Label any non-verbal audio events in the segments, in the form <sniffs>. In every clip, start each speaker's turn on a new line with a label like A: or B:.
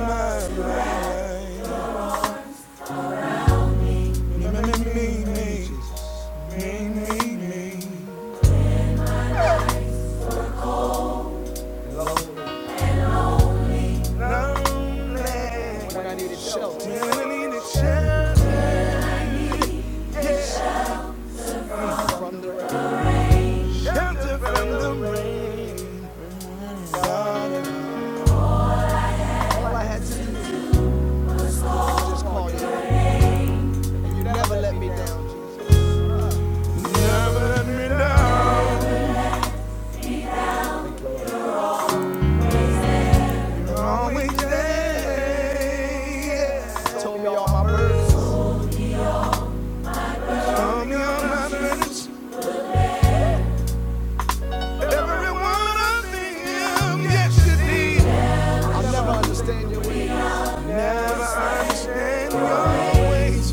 A: Me, me, me, me, me. Me, me, Lonely. I need a shelter, yeah. Shelter from the rain. never let me down. Always there. All me on my friends. Every one of them. Yes, you indeed. Never understand your ways.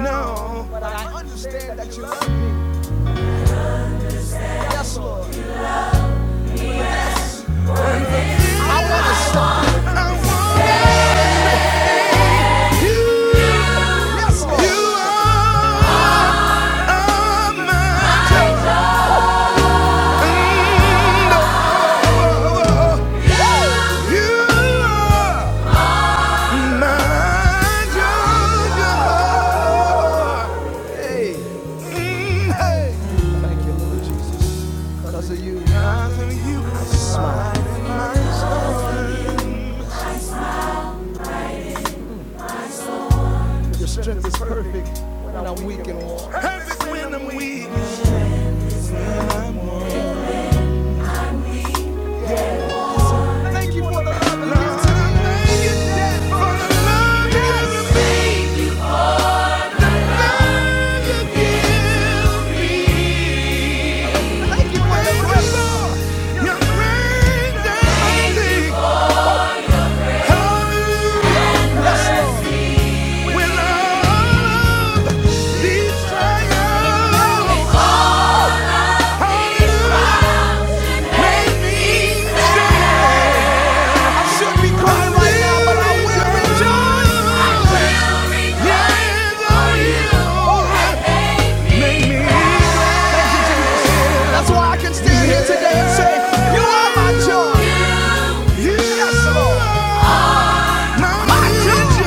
A: No. I want it. When I'm weak, Lord, I thank you for the love you give me. Make me glad. You are my joy. Yes, Lord. My joy.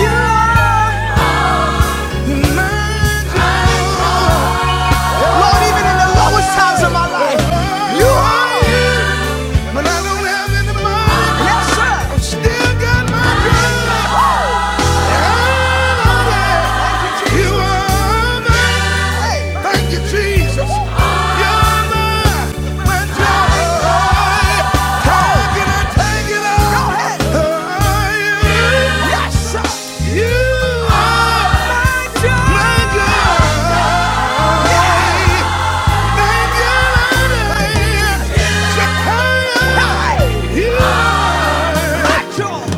A: You are my joy. Lord, even the you are. But I don't have any money. Yes, sir. I still got my girl. And all that. You you are mine. Hey. Thank you, Jesus. Oh. You're mine. My joy. Oh. How can I take it all? Go ahead. Yes, sir. You are my God.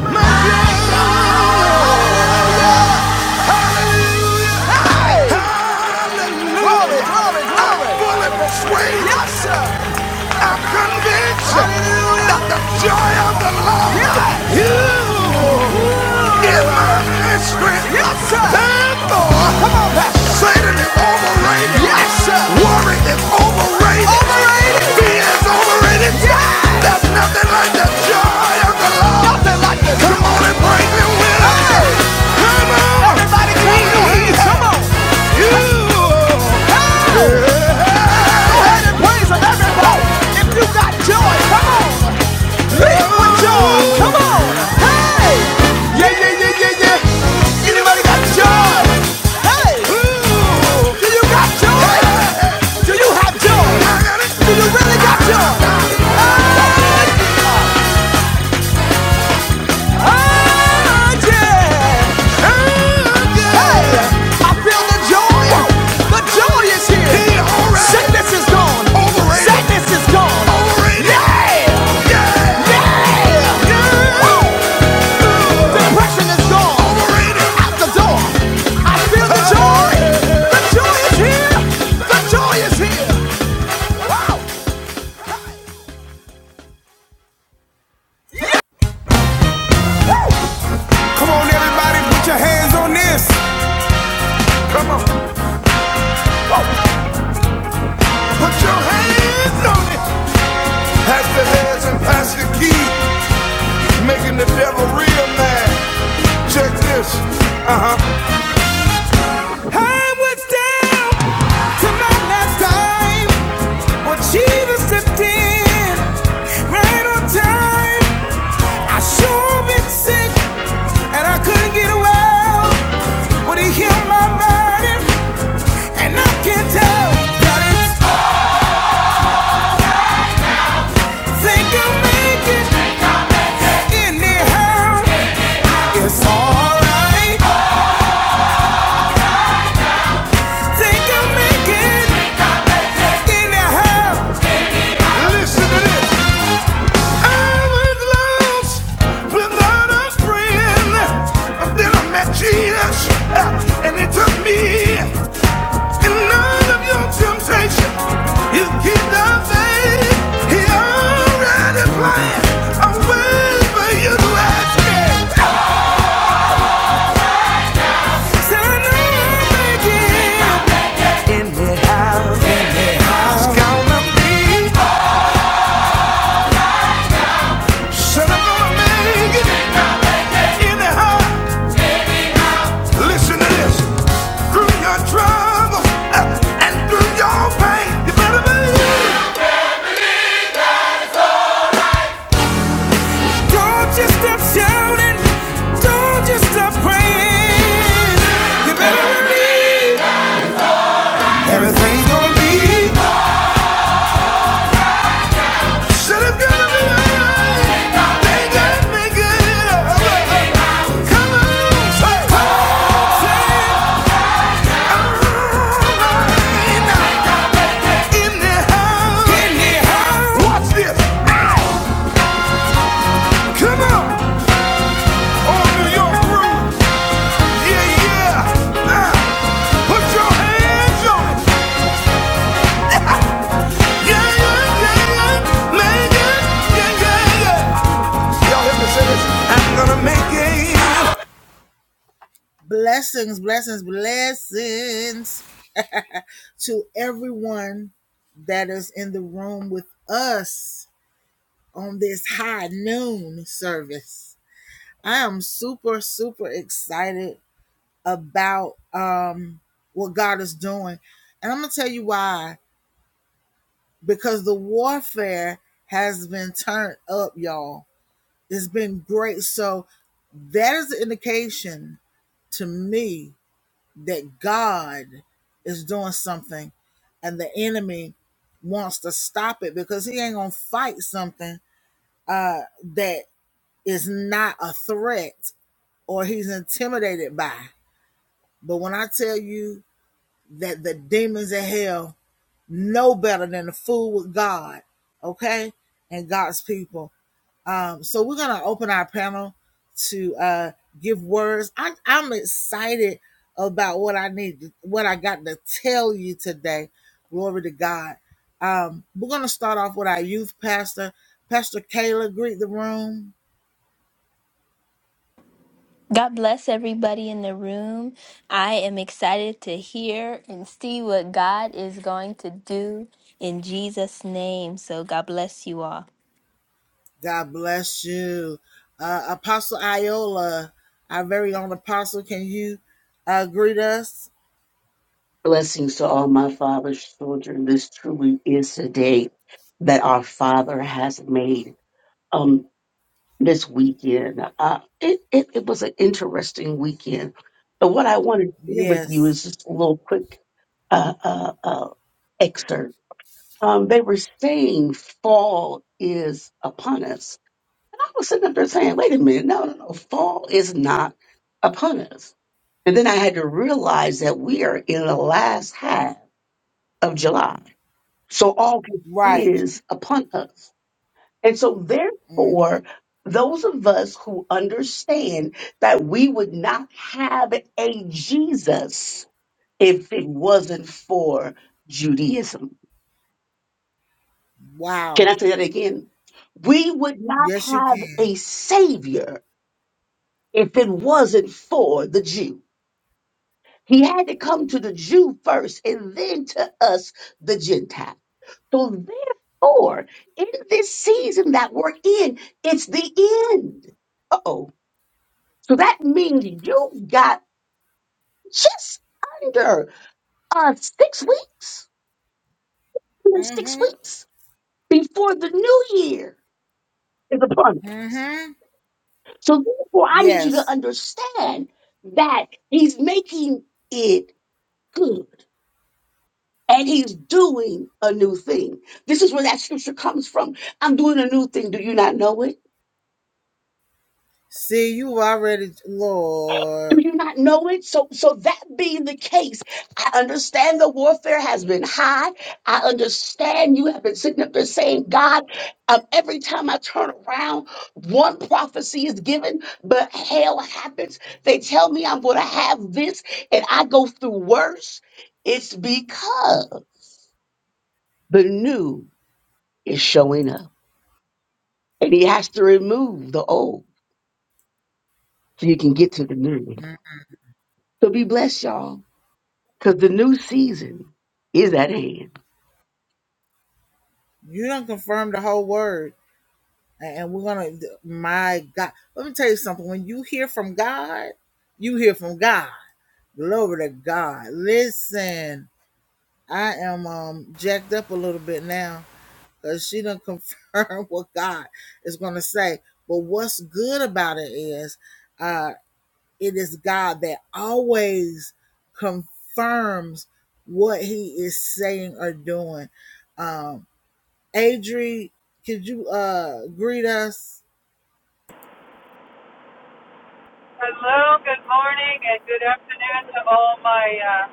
A: My God. Hallelujah. Hey! Hallelujah. I'm fully persuaded. Yes, sir. I'm convinced that the joy of the Lord Yes. is my strength. Yes, sir. Come on, Pastor. Satan is overrated. Yes, sir. Worry is overrated. Overrated. Fear is overrated. Yeah. There's nothing like the joy of the Lord. Nothing like it. Come on and praise Him with us. Hey. Come on. Everybody clap your Come on. You. Hey. Yeah. Hand and praise for everybody. If you got joy, come on. Leave with joy. Come on. Hey. Yeah, yeah, yeah, yeah, yeah. Anybody got joy? Hey. Do you got joy? Do you have joy? Do you really got joy? Hey. Oh, yeah. Oh, yeah. Hey, I feel the joy. The joy is here. He is gone. Sadness is gone. Overrated. Yeah. Yeah. Yeah. Woo. Depression is gone. Out the door. I feel the joy. The joy is here. The joy is here. Wow. Come on, everybody, put your hands on this. Come on. Put your hands on it. Pass the heads and pass the key, making the devil real mad. Check this. Last time. She was stepped in right on time. Sure been sick, and I get well. Would he heal my mind? And I can not think I'll make it anyhow. It's alright. I think I'll make it anyhow. Listen to this. I was lost without a friend. Then I met Jesus, and he took me. In none of your temptation, you keep the He already planned a way for you to escape. I know I'll make it. Said I'm gonna make it. Anyhow. Listen to this. Through your trouble uh, and through your pain, you better believe. Don't you stop shouting. Don't you stop praying. You better believe everything's gonna be. Said it's gonna be alright. They just make it up. Come on, say, come on, say, alright. In the house. Watch this. Come on. All New York rules. Yeah, yeah. Now, put your hands on it. Yeah, yeah, yeah, yeah. Make it. Yeah, yeah, yeah. Y'all hear me say this? I'm gonna make it. out
B: God bless everybody in the room. I am excited to hear and see what God is going to do in Jesus' name. So, God bless you all.
C: Blessings to all my father's children. This truly is a day that our father has made. Um, this weekend, uh, it, it it was an interesting weekend. But what I want to share with you is just a little quick uh, uh, uh, excerpt. Um, they were saying fall is upon us, and I was sitting up there saying, "Wait a minute, no, no, no, fall is not upon us." And then I had to realize that we are in the last half of July So all this is upon us. And so therefore, those of us who understand that we would not have a Jesus if it wasn't for Judaism. Can I say that again? We would not have a savior if it wasn't for the Jew. He had to come to the Jew first and then to us, the Gentiles. So therefore, in this season that we're in, it's the end. Uh-oh. So that means you got just under uh six weeks, under six weeks before the new year is upon us. So therefore, I need you to understand that he's making it good. And he's doing a new thing. This is where that scripture comes from. I'm doing a new thing. Do you not know it? Do you not know it? So, so that being the case, I understand the warfare has been high. I understand you have been sitting up there saying, God, um, every time I turn around, one prophecy is given, but hell happens. They tell me I'm going to have this and I go through worse. It's because the new is showing up and he has to remove the old so you can get to the new. So be blessed, y'all, because the new season is at hand.
D: Hello, good morning, and good afternoon to all my uh,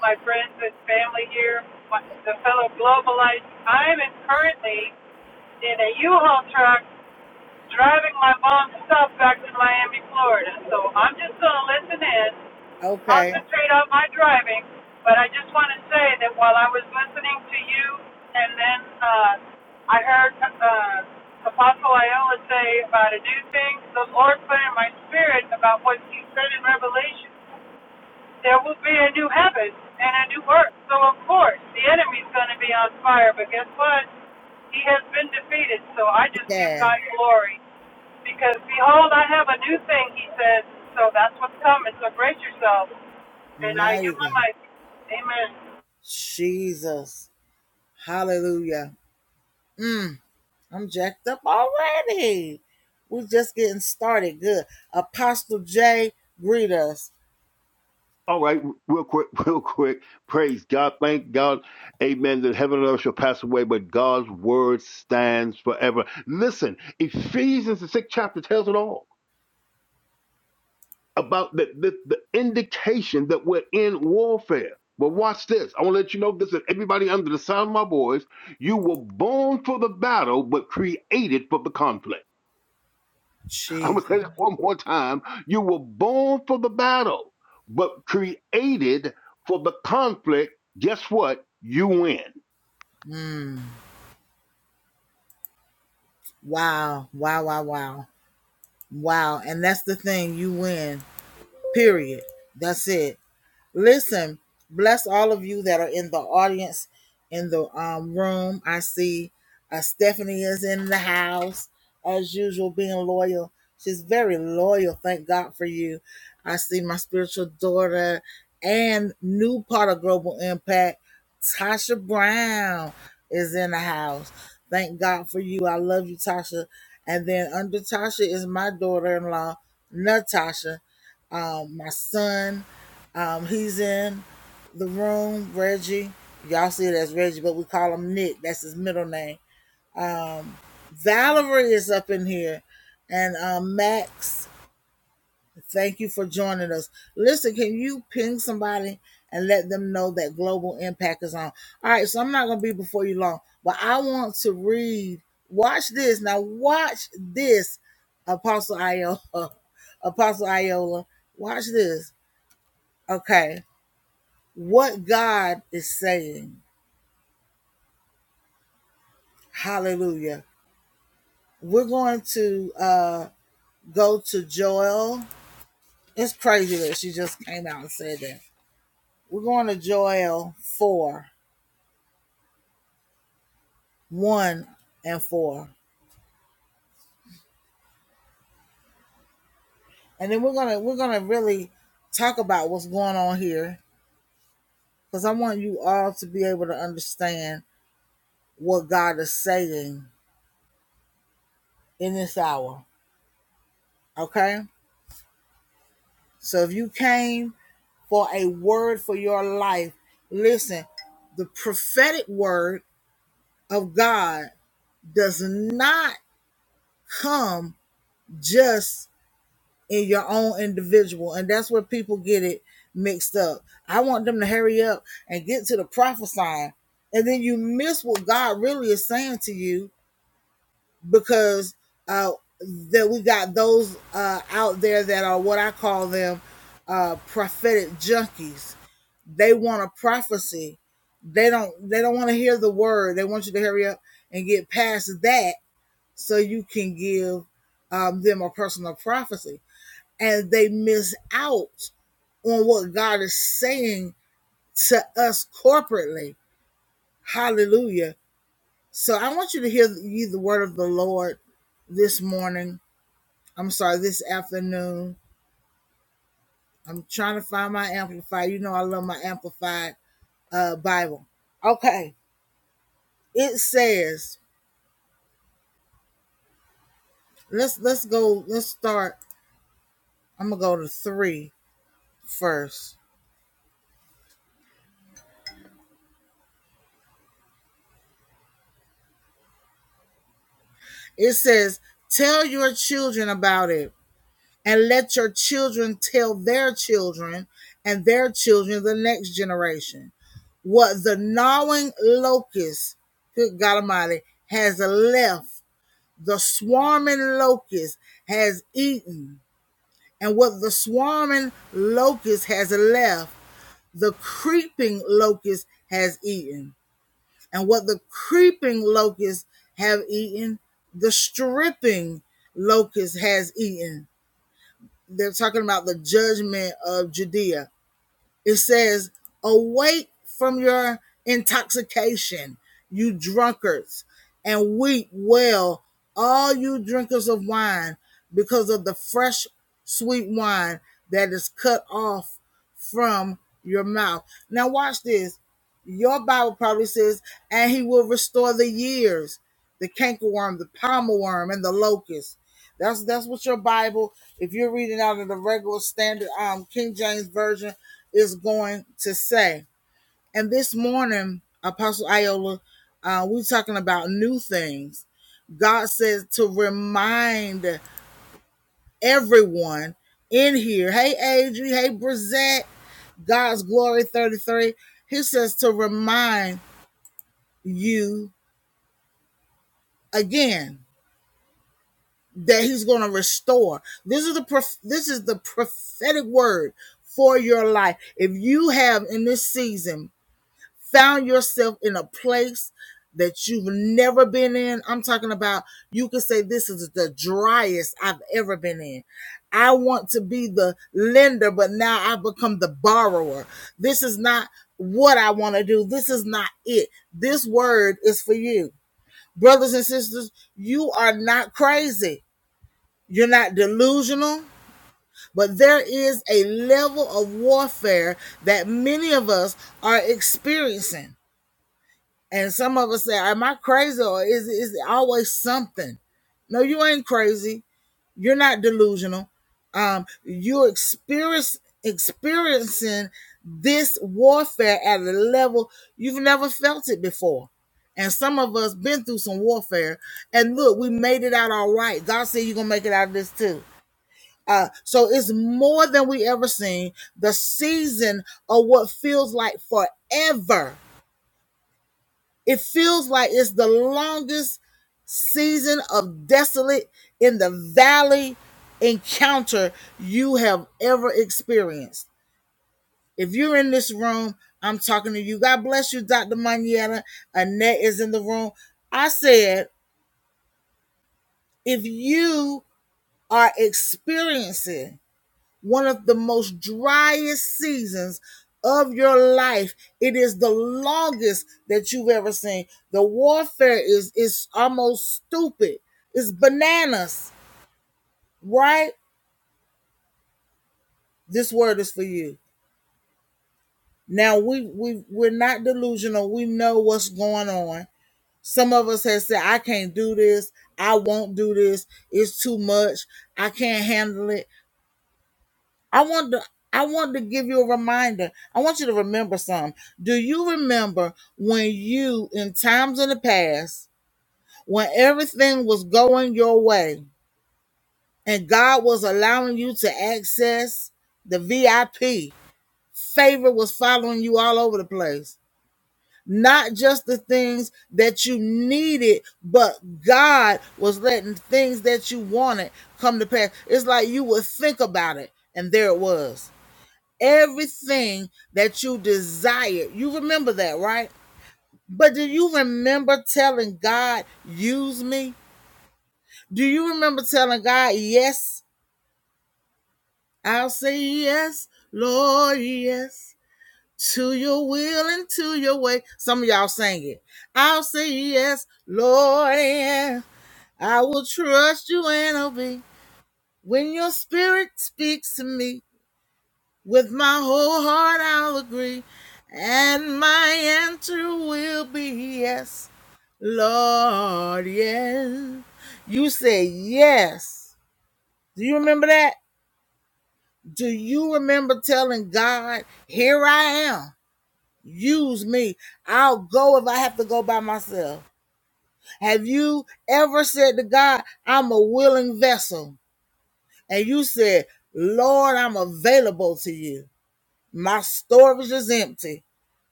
D: my friends and family here, my, the fellow globalites. I'm in, currently in a U-Haul truck driving my mom's stuff back to Miami, Florida. So I'm just going to listen in, concentrate on my driving. But I just want to say that while I was listening to you, and then uh, I heard uh, Apostle Iola say about a new thing, the Lord put in my spirit about what he said in Revelation there will be a new heaven and a new earth. So of course the enemy's going to be on fire, but guess what? He has been defeated. So I just give God glory because behold, I have a new thing. He says. So that's what's coming. So brace yourself. And I give my mic. Amen.
E: All right, real quick, <laughs> real quick. Praise God. Thank God. Amen. That heaven and earth shall pass away, but God's word stands forever. Listen, Ephesians, the sixth chapter, tells it all about the, the, the indication that we're in warfare. But watch this. I want to let you know this that everybody under the sound of my voice, you were born for the battle, but created for the conflict. I'm going to say that one more time. You were born for the battle, but created for the conflict. Guess what? You win.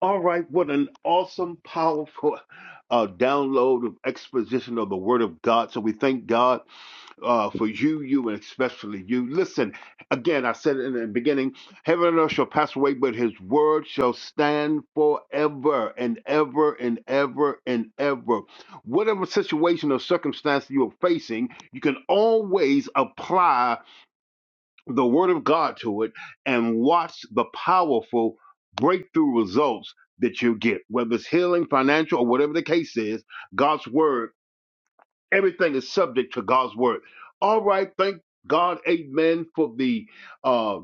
E: All right, what an awesome, powerful <laughs> uh, download of exposition of the Word of God. So we thank God uh, for you, you, and especially you. Listen, again, I said it in the beginning heaven and earth shall pass away, but his word shall stand forever and ever and ever and ever. Whatever situation or circumstance you are facing, you can always apply the word of God to it and watch the powerful breakthrough results that you get, whether it's healing, financial, or whatever the case is, God's word, everything is subject to God's word. All right, thank God, amen, for the uh,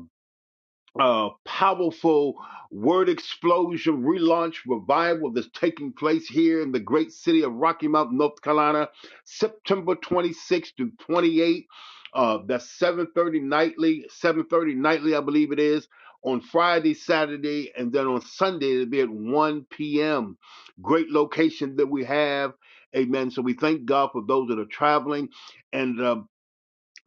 E: uh, powerful word explosion relaunch revival that's taking place here in the great city of Rocky Mount, North Carolina, September 26th to 28th. Uh, that's 7:30 nightly, 7:30 nightly, I believe it is, on Friday, Saturday, and then on Sunday it'll be at 1 p.m. Great location that we have, Amen. So we thank God for those that are traveling, and. uh,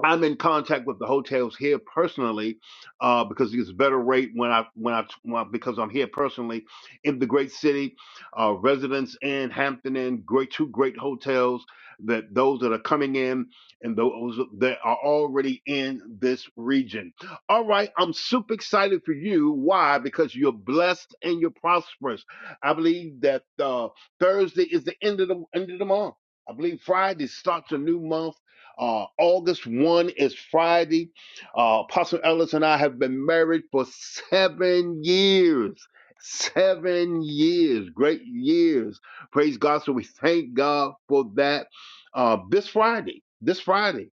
E: I'm in contact with the hotels here personally uh, because it's a better rate when I when I when I- because I'm here personally in the great city. Uh, residents in Hampton Inn, great two great hotels that those that are coming in and those that are already in this region. All right, I'm super excited for you. Why? Because you're blessed and you're prosperous. I believe that uh, Thursday is the end of the end of the month. I believe Friday starts a new month uh, August 1 is Friday. Uh, Apostle Ellis and I have been married for seven years. Seven years, great years. Praise God. So we thank God for that. Uh, this Friday, this Friday,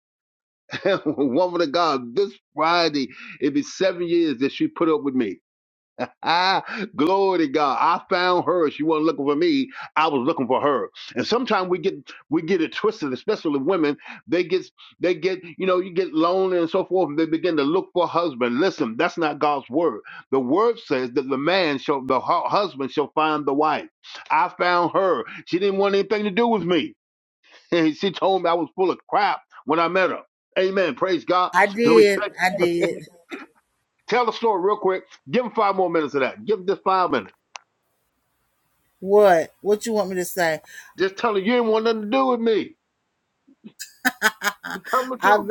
E: <laughs> woman of God, this Friday, it'd be seven years that she put up with me. <laughs> Ah, Glory to God. I found her. She wasn't looking for me. I was looking for her. And sometimes we get we get it twisted, especially women. They get they get, you know, you get lonely and so forth, and they begin to look for a husband. Listen, that's not God's word. The word says that the man shall the hu- husband shall find the wife. I found her. She didn't want anything to do with me. <laughs> And she told me I was full of crap when I met her. Amen. Praise God. So we thank <laughs> Tell the story real quick. Give him five more minutes of that. Give him just five minutes. Just tell him you didn't want nothing to do with me. Just tell him the truth.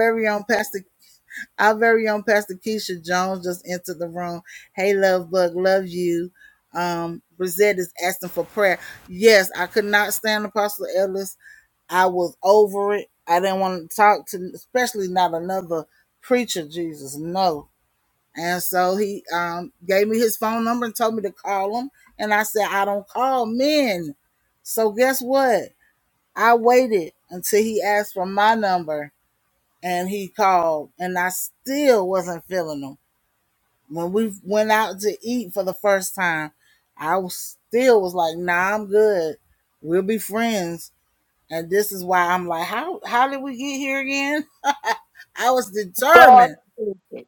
C: God is it.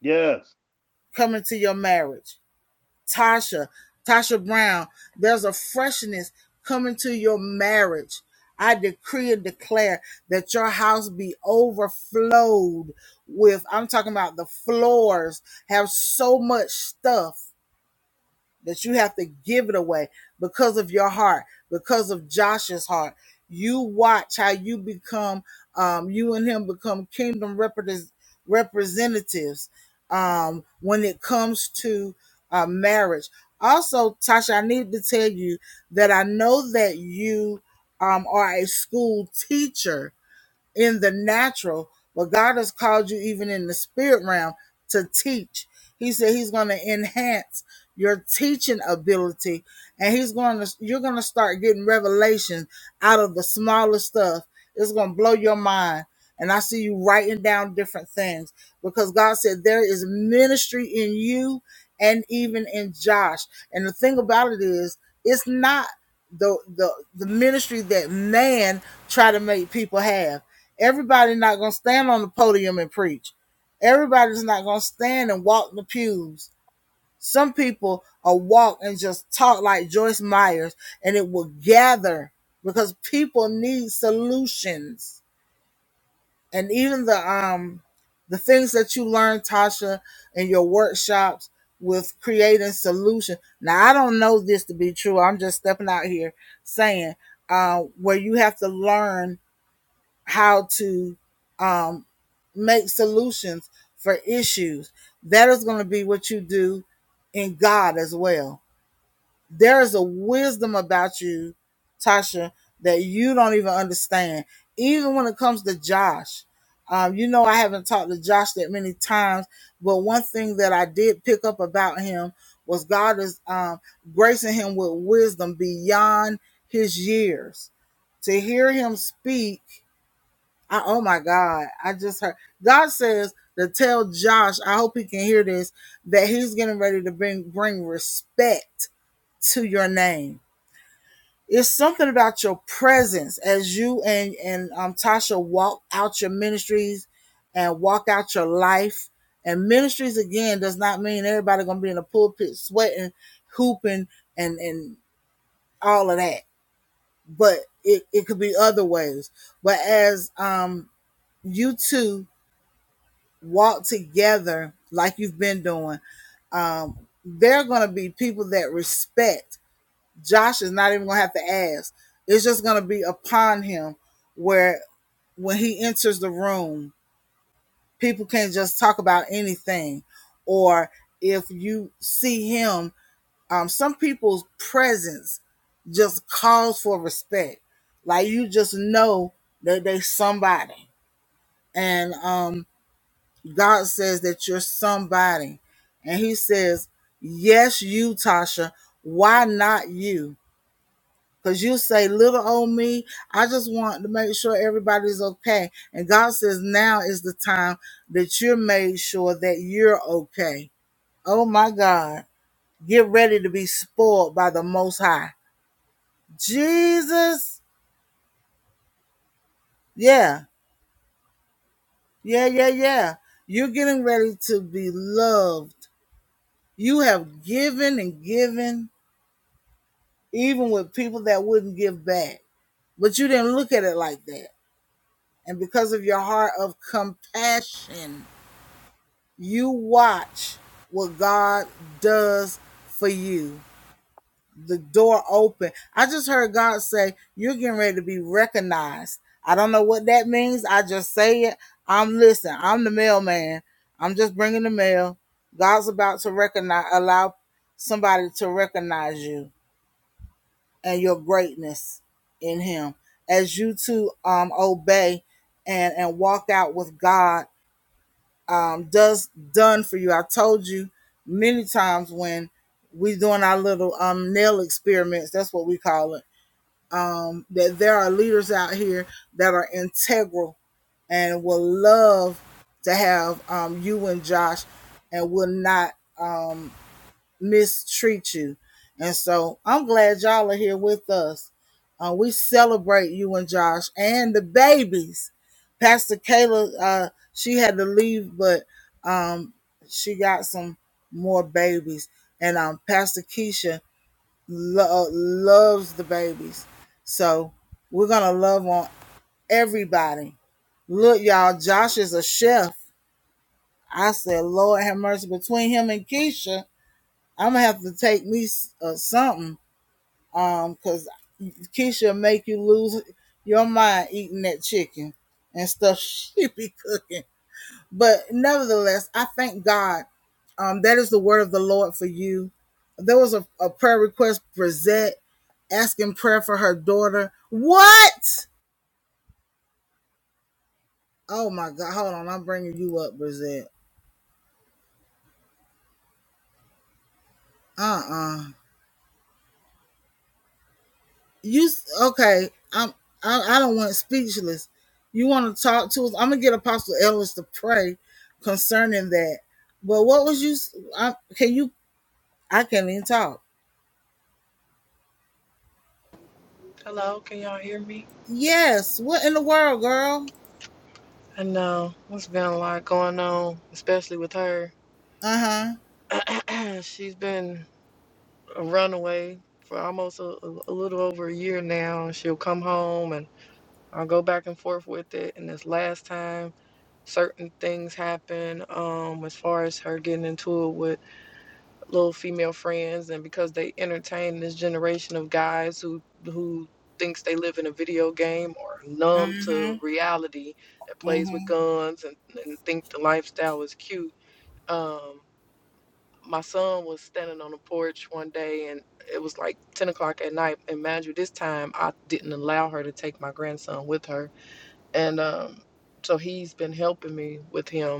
E: Yes.
F: Hello, can y'all hear me? I know there's been a lot going on, especially with her. <clears throat> She's been a runaway for almost a, a a little over a year now, and she'll come home, and I'll go back and forth with it. And this last time, certain things happened, um, as far as her getting into it little female friends and because they entertain this generation of guys who who thinks they live in a video game or numb to reality that plays with guns and, and think the lifestyle is cute um my son was standing on the porch one day and it was like 10 o'clock at night and mind you this time i didn't allow her to take my grandson with her and um so he's been helping me with him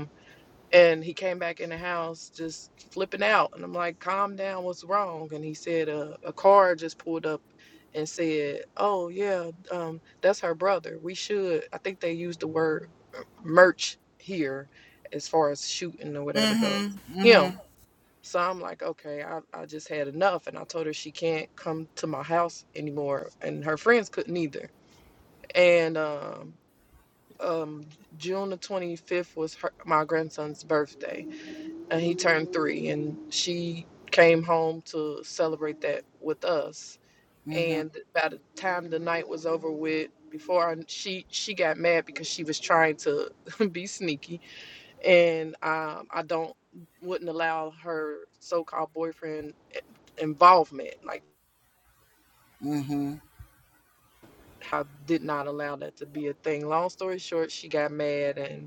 F: and he came back in the house just flipping out. And I'm like, calm down, what's wrong? And he said, uh, a car just pulled up and said, oh, yeah, um, that's her brother. We should, I think they used the word uh, merch here as far as shooting or whatever goes. Him. So I'm like, okay, I, I just had enough. And I told her she can't come to my house anymore. And her friends couldn't either. And um, um, June the 25th was her, my grandson's birthday and he turned three and she came home to celebrate that with us and by the time the night was over with before I, she she got mad because she was trying to <laughs> be sneaky and um, i don't wouldn't allow her so-called boyfriend eh, involvement like i did not allow that to be a thing long story short she got mad and.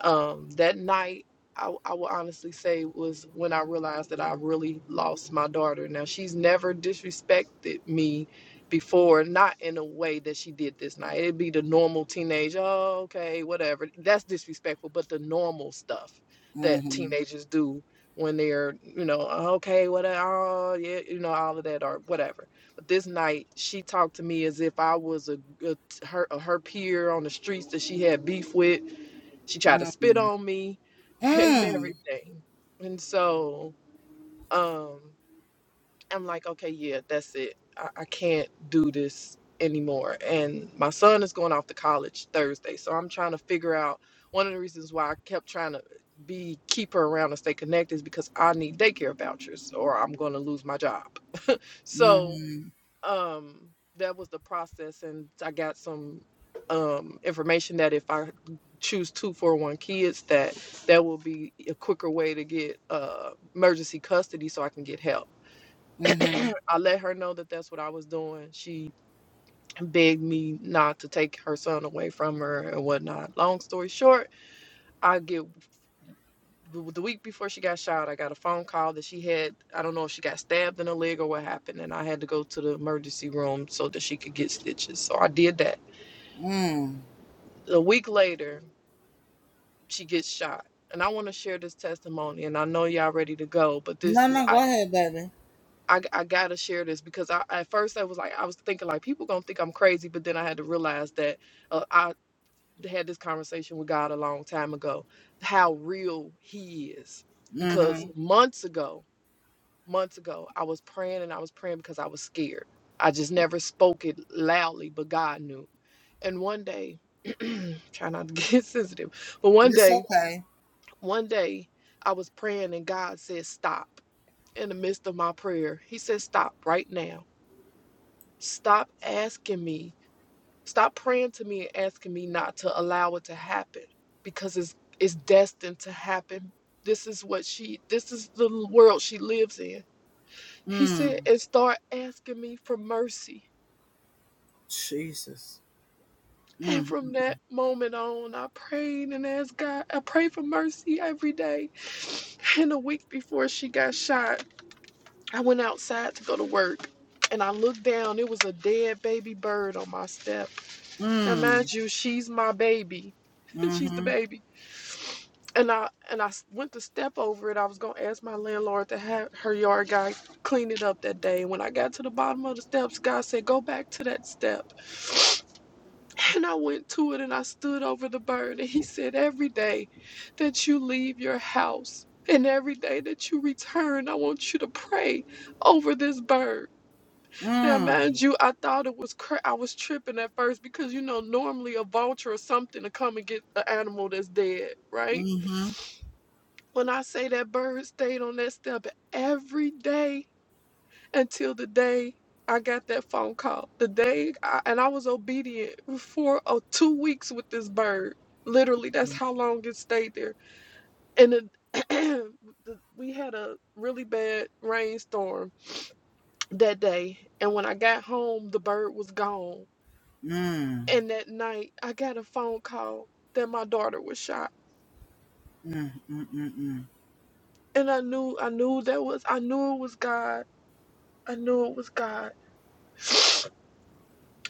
F: um, that night I, I will honestly say was when i realized that i really lost my daughter now she's never disrespected me before not in a way that she did this night it'd be the normal teenage oh okay whatever that's disrespectful but the normal stuff that teenagers do when they're you know "Oh, okay whatever, oh yeah you know all of that or whatever but this night she talked to me as if i was a, a her her peer on the streets that she had beef with she tried to spit on me <laughs> and everything. And so um, I'm like, okay, yeah, that's it. I, I can't do this anymore. And my son is going off to college Thursday. So I'm trying to figure out one of the reasons why I kept trying to be keep her around and stay connected is because I need daycare vouchers or I'm going to lose my job. So um that was the process and i got some um information that if i choose 241 kids that that will be a quicker way to get uh emergency custody so i can get help i let her know that that's what i was doing she begged me not to take her son away from her and whatnot long story short i get the week before she got shot, I got a phone call that she had, I don't know if she got stabbed in the leg or what happened, and I had to go to the emergency room so that she could get stitches. So I did that. A week later, she gets shot. And I want to share this testimony, and I know y'all ready to go, but this is, I, I, I gotta share this because I at first I was like I was thinking like people gonna think I'm crazy, but then I had to realize that uh, I had this conversation with God a long time ago, how real He is. Because months ago, months ago, I was praying and I was praying because I was scared. I just never spoke it loudly, but God knew. And one day, <clears throat> try not to get <laughs> sensitive, but one day, one day, I was praying and God said, Stop. In the midst of my prayer, He said, Stop right now. Stop asking me. Stop praying to me and asking me not to allow it to happen because it's, it's destined to happen. This is what she, this is the world she lives in He said, and start asking me for mercy. And from that moment on, I prayed and asked God. I prayed for mercy every day. And a week before she got shot, I went outside to go to work. And I looked down, it was a dead baby bird on my step. Now, mind you, she's my baby. <laughs> she's the baby. And I and I went to step over it. I was gonna ask my landlord to have her yard guy clean it up that day. And when I got to the bottom of the steps, God said, "Go back to that step." And I went to it and I stood over the bird. And he said, Every day that you leave your house and every day that you return, I want you to pray over this bird. Now, mind you, I thought it was cra- I was tripping at first because you know normally a vulture or something to come and get an animal that's dead, right? When I say that bird stayed on that step every day until the day I got that phone call. The day, I, and I was obedient for uh, two weeks with this bird. Literally, that's how long it stayed there. And the, <clears throat> the, we had a really bad rainstorm that day. And when I got home, the bird was gone. And that night, I got a phone call that my daughter was shot. And I knew, I knew that was, I knew it was God. I knew it was God. <sniffs>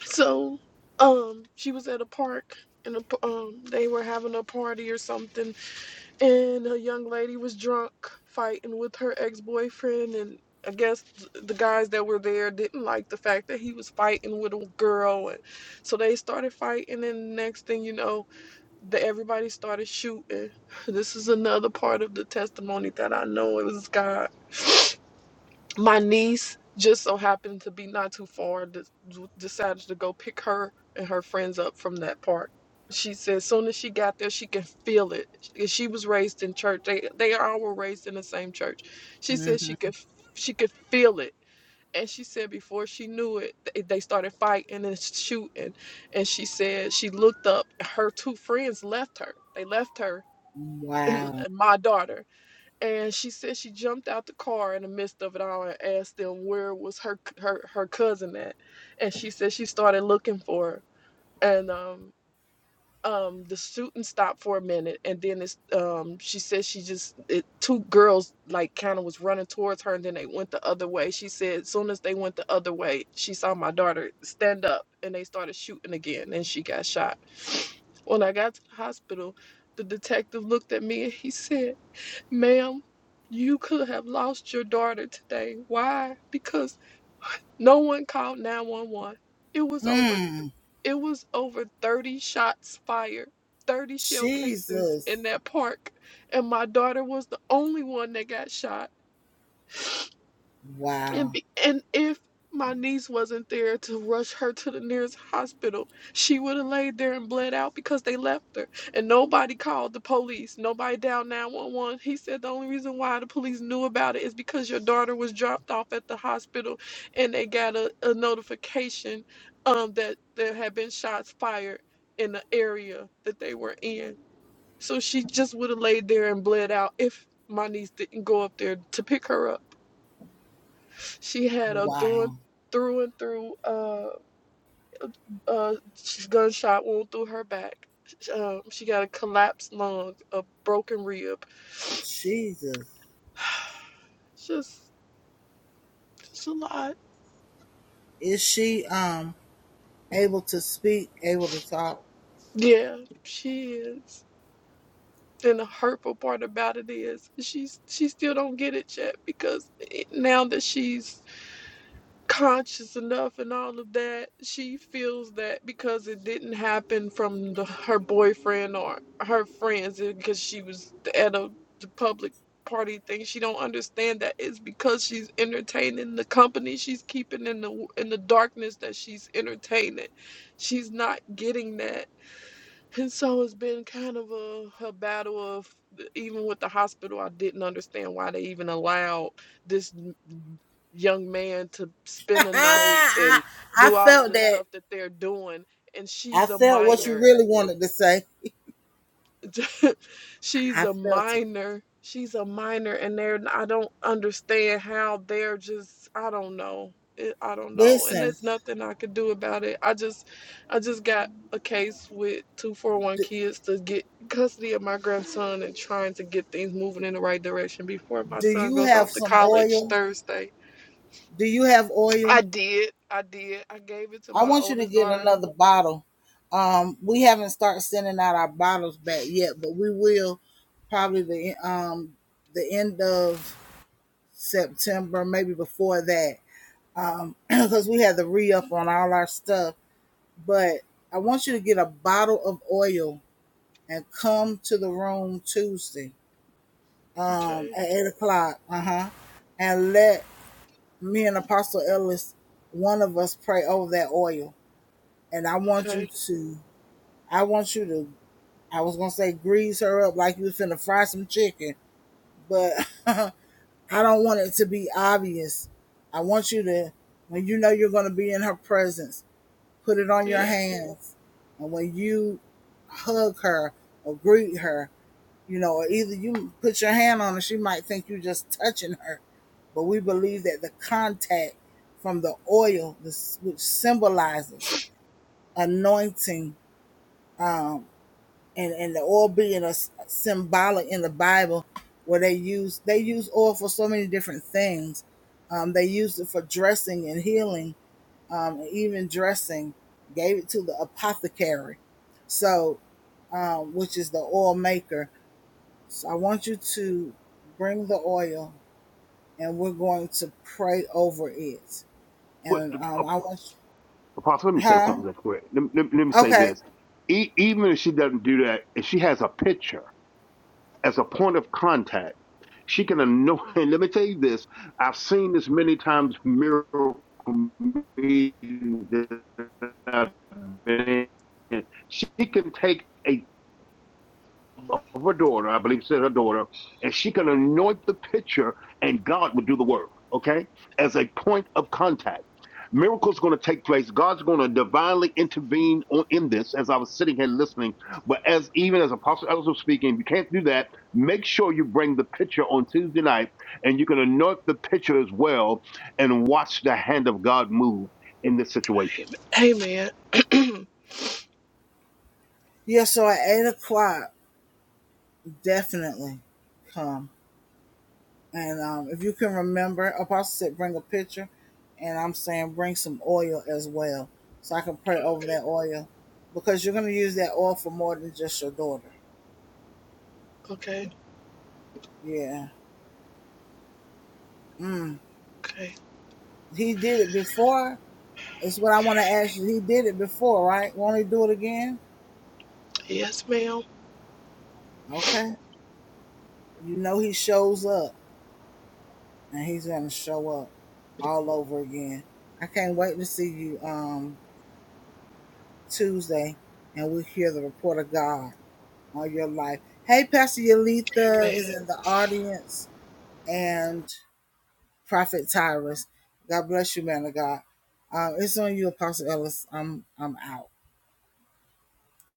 F: So, um, she was at a park and a, p- um, they were having a party or something, and a young lady was drunk fighting with her ex boyfriend. And I guess th- the guys that were there didn't like the fact that he was fighting with a girl, and so they started fighting. And next thing you know, the, everybody started shooting. This is another part of the testimony that I know it was God. <sniffs> my niece just so happened to be not too far de- decided to go pick her and her friends up from that park she said as soon as she got there she can feel it she she was raised in church they they all were raised in the same church she said she could f- she could feel it and she said before she knew it th- they started fighting and shooting and she said she looked up her two friends left her they left her <laughs> and my daughter and she said she jumped out the car in the midst of it all and asked them where was her her her cousin at, and she said she started looking for her, and um um the shooting stopped for a minute, and then it's um she said she just it, two girls like kind of was running towards her, and then they went the other way. She said as soon as they went the other way, she saw my daughter stand up, and they started shooting again, and she got shot. When I got to the hospital, the detective looked at me and he said. Ma'am, you could have lost your daughter today. Why? Because no one called 911. It was over it was over 30 shots fired, 30 shell casings in that park, and my daughter was the only one that got shot. And, be, and if my niece wasn't there to rush her to the nearest hospital, she would have laid there and bled out because they left her. And nobody called the police. Nobody dialed 911. He said the only reason why the police knew about it is because your daughter was dropped off at the hospital and they got a, a notification um, that there had been shots fired in the area that they were in. So she just would have laid there and bled out if my niece didn't go up there to pick her up. She had a through and through and through uh, uh, gunshot wound through her back. Um, she got a collapsed lung, a broken rib. <sighs> Just, it's a lot. Yeah, she is. And the hurtful part about it is she's she still don't get it yet because now that she's conscious enough and all of that she feels that because it didn't happen from the, her boyfriend or her friends because she was at a the public party thing she don't understand that it's because she's entertaining the company she's keeping in the in the darkness that she's entertaining she's not getting that and so it's been kind of a, a battle of even with the hospital, I didn't understand why they even allowed this young man to spend a night and do all of the stuff that they're doing. And she's a minor. <laughs> she's a minor. She's a minor, and they're. I don't understand how they're just. I don't know. It, I don't know, and there's nothing I could do about it. I just, I just got a case with two four one kids to get custody of my grandson and trying to get things moving in the right direction before my son goes off to college Thursday. I did. I did. I gave it to my oldest daughter. Okay. Okay. Yeah.
E: What, uh, Apostle, let me say something real quick. Let, let, let me say this. E- even if she doesn't do that, if she has a picture as a point of contact, she can annoy. <laughs> And let me tell you this. I've seen this many times. Miracle meetings that I've been in. She can take a of her daughter, I believe she said her daughter, and she can anoint the pitcher and God will do the work, okay? As a point of contact. Miracles going to take place. God's going to divinely intervene on, in this as I was sitting here listening. But as even as Apostle Ellis was speaking, you can't do that. Make sure you bring the pitcher on Tuesday night and you can anoint the pitcher as well and watch the hand of God move in this situation.
F: Hey, man. <clears throat> okay. Okay. Okay. Yes, ma'am. Amen.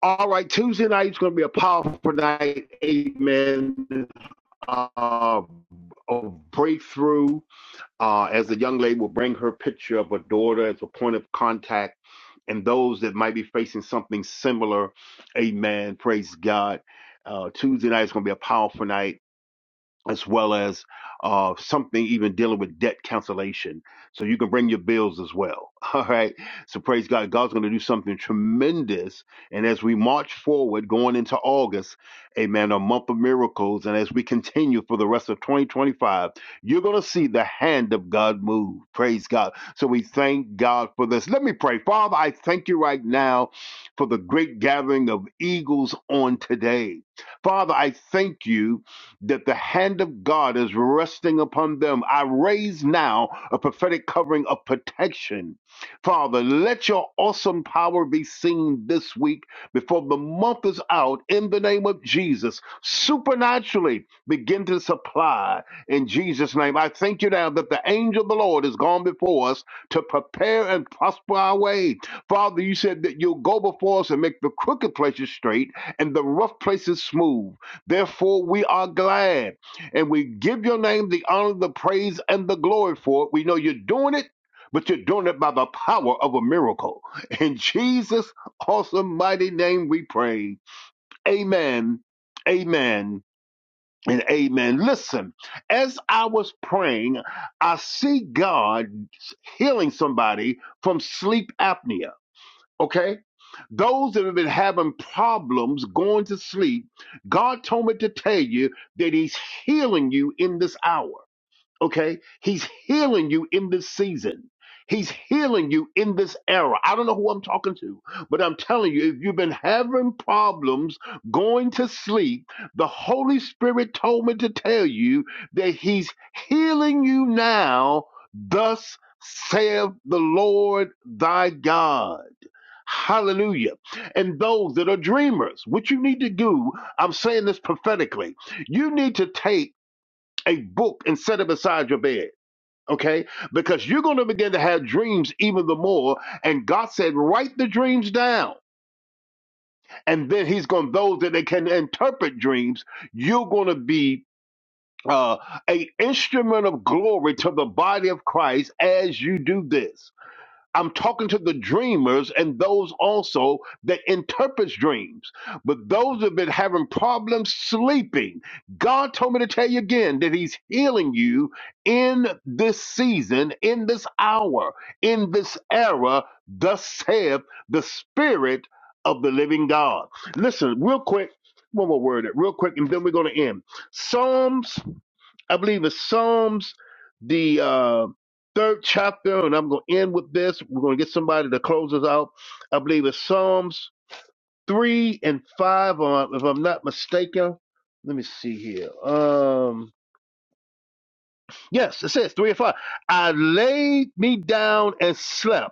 E: All right, Tuesday night's going to be a powerful night, Amen. Uh, a breakthrough uh, as the young lady will bring her picture of her daughter as a point of contact and those that might be facing something similar. Amen. Praise God. Uh, Tuesday night is going to be a powerful night as well as uh, something even dealing with debt cancellation. So you can bring your bills as well. <laughs> All right. So praise God. God's going to do something tremendous. And as we march forward, going into August, amen, a month of miracles. And as we continue for the rest of 2025, you're going to see the hand of God move. Praise God. So we thank God for this. Let me pray. Father, I thank you right now for the great gathering of eagles on today. Father, I thank you that the hand of God is resting upon them. I raise now a prophetic covering of protection. Father, let your awesome power be seen this week before the month is out in the name of Jesus. Supernaturally begin to supply in Jesus' name. I thank you now that the angel of the Lord has gone before us to prepare and prosper our way. Father, you said that you'll go before us and make the crooked places straight and the rough places smooth. Therefore, we are glad and we give your name the honor, the praise, and the glory for it. We know you're doing it, but you're doing it by the power of a miracle. In Jesus' awesome, mighty name, we pray. Amen, amen, and amen. Listen, as I was praying, I see God healing somebody from sleep apnea. Okay? Those that have been having problems going to sleep, God told me to tell you that He's healing you in this hour. Okay? He's healing you in this season. He's healing you in this era. I don't know who I'm talking to, but I'm telling you, if you've been having problems going to sleep, the Holy Spirit told me to tell you that He's healing you now, thus saith the Lord thy God. Hallelujah. And those that are dreamers, what you need to do, I'm saying this prophetically, you need to take a book and set it beside your bed. Okay, because you're going to begin to have dreams even the more. And God said, write the dreams down. And then He's going, those that they can interpret dreams, you're going to be uh, a instrument of glory to the body of Christ as you do this. I'm talking to the dreamers and those also that interprets dreams. But those have been having problems sleeping. God told me to tell you again that He's healing you in this season, in this hour, in this era. Thus saith the Spirit of the Living God. Listen, real quick. One more word, real quick, and then we're going to end. Psalms I believe it's Psalms, the uh, third chapter, and I'm going to end with this. We're going to get somebody to close us out. I believe it's Psalms 3 and 5, uh, if I'm not mistaken. Let me see here. Um, yes, it says 3 and 5. I laid me down and slept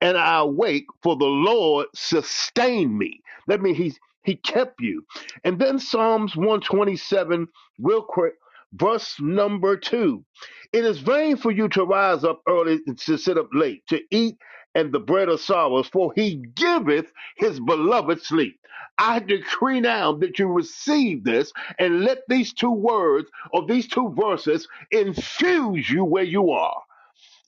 E: and I awake, for the Lord sustained me. That means He He kept you. And then Psalms 127, real quick, verse number two. It is vain for you to rise up early and to sit up late, to eat and the bread of sorrows, for he giveth his beloved sleep. I decree now that you receive this and let these two words or these two verses infuse you where you are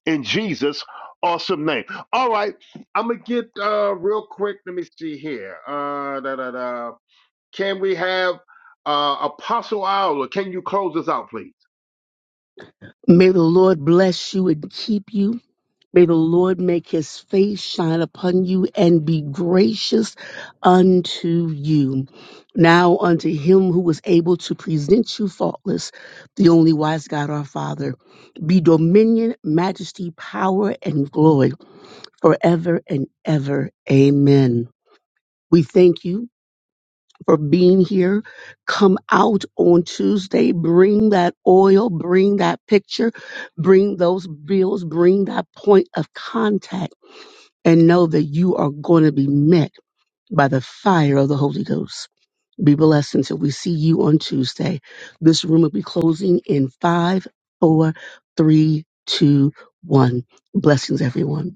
E: in Jesus' awesome name. All right, I'm gonna get uh real quick. Let me see here. Uh, da, da, da. Can we have uh Apostle Owl? Can you close us out, please?
C: May the Lord bless you and keep you. May the Lord make his face shine upon you and be gracious unto you. Now unto him who was able to present you faultless, the only wise God our Father, be dominion, majesty, power, and glory forever and ever. Amen. We thank you for being here. Come out on Tuesday. Bring that oil, bring that picture, bring those bills, bring that point of contact, and know that you are going to be met by the fire of the Holy Ghost. Be blessed until we see you on Tuesday. This room will be closing in five, four, three, two, one. Blessings, everyone.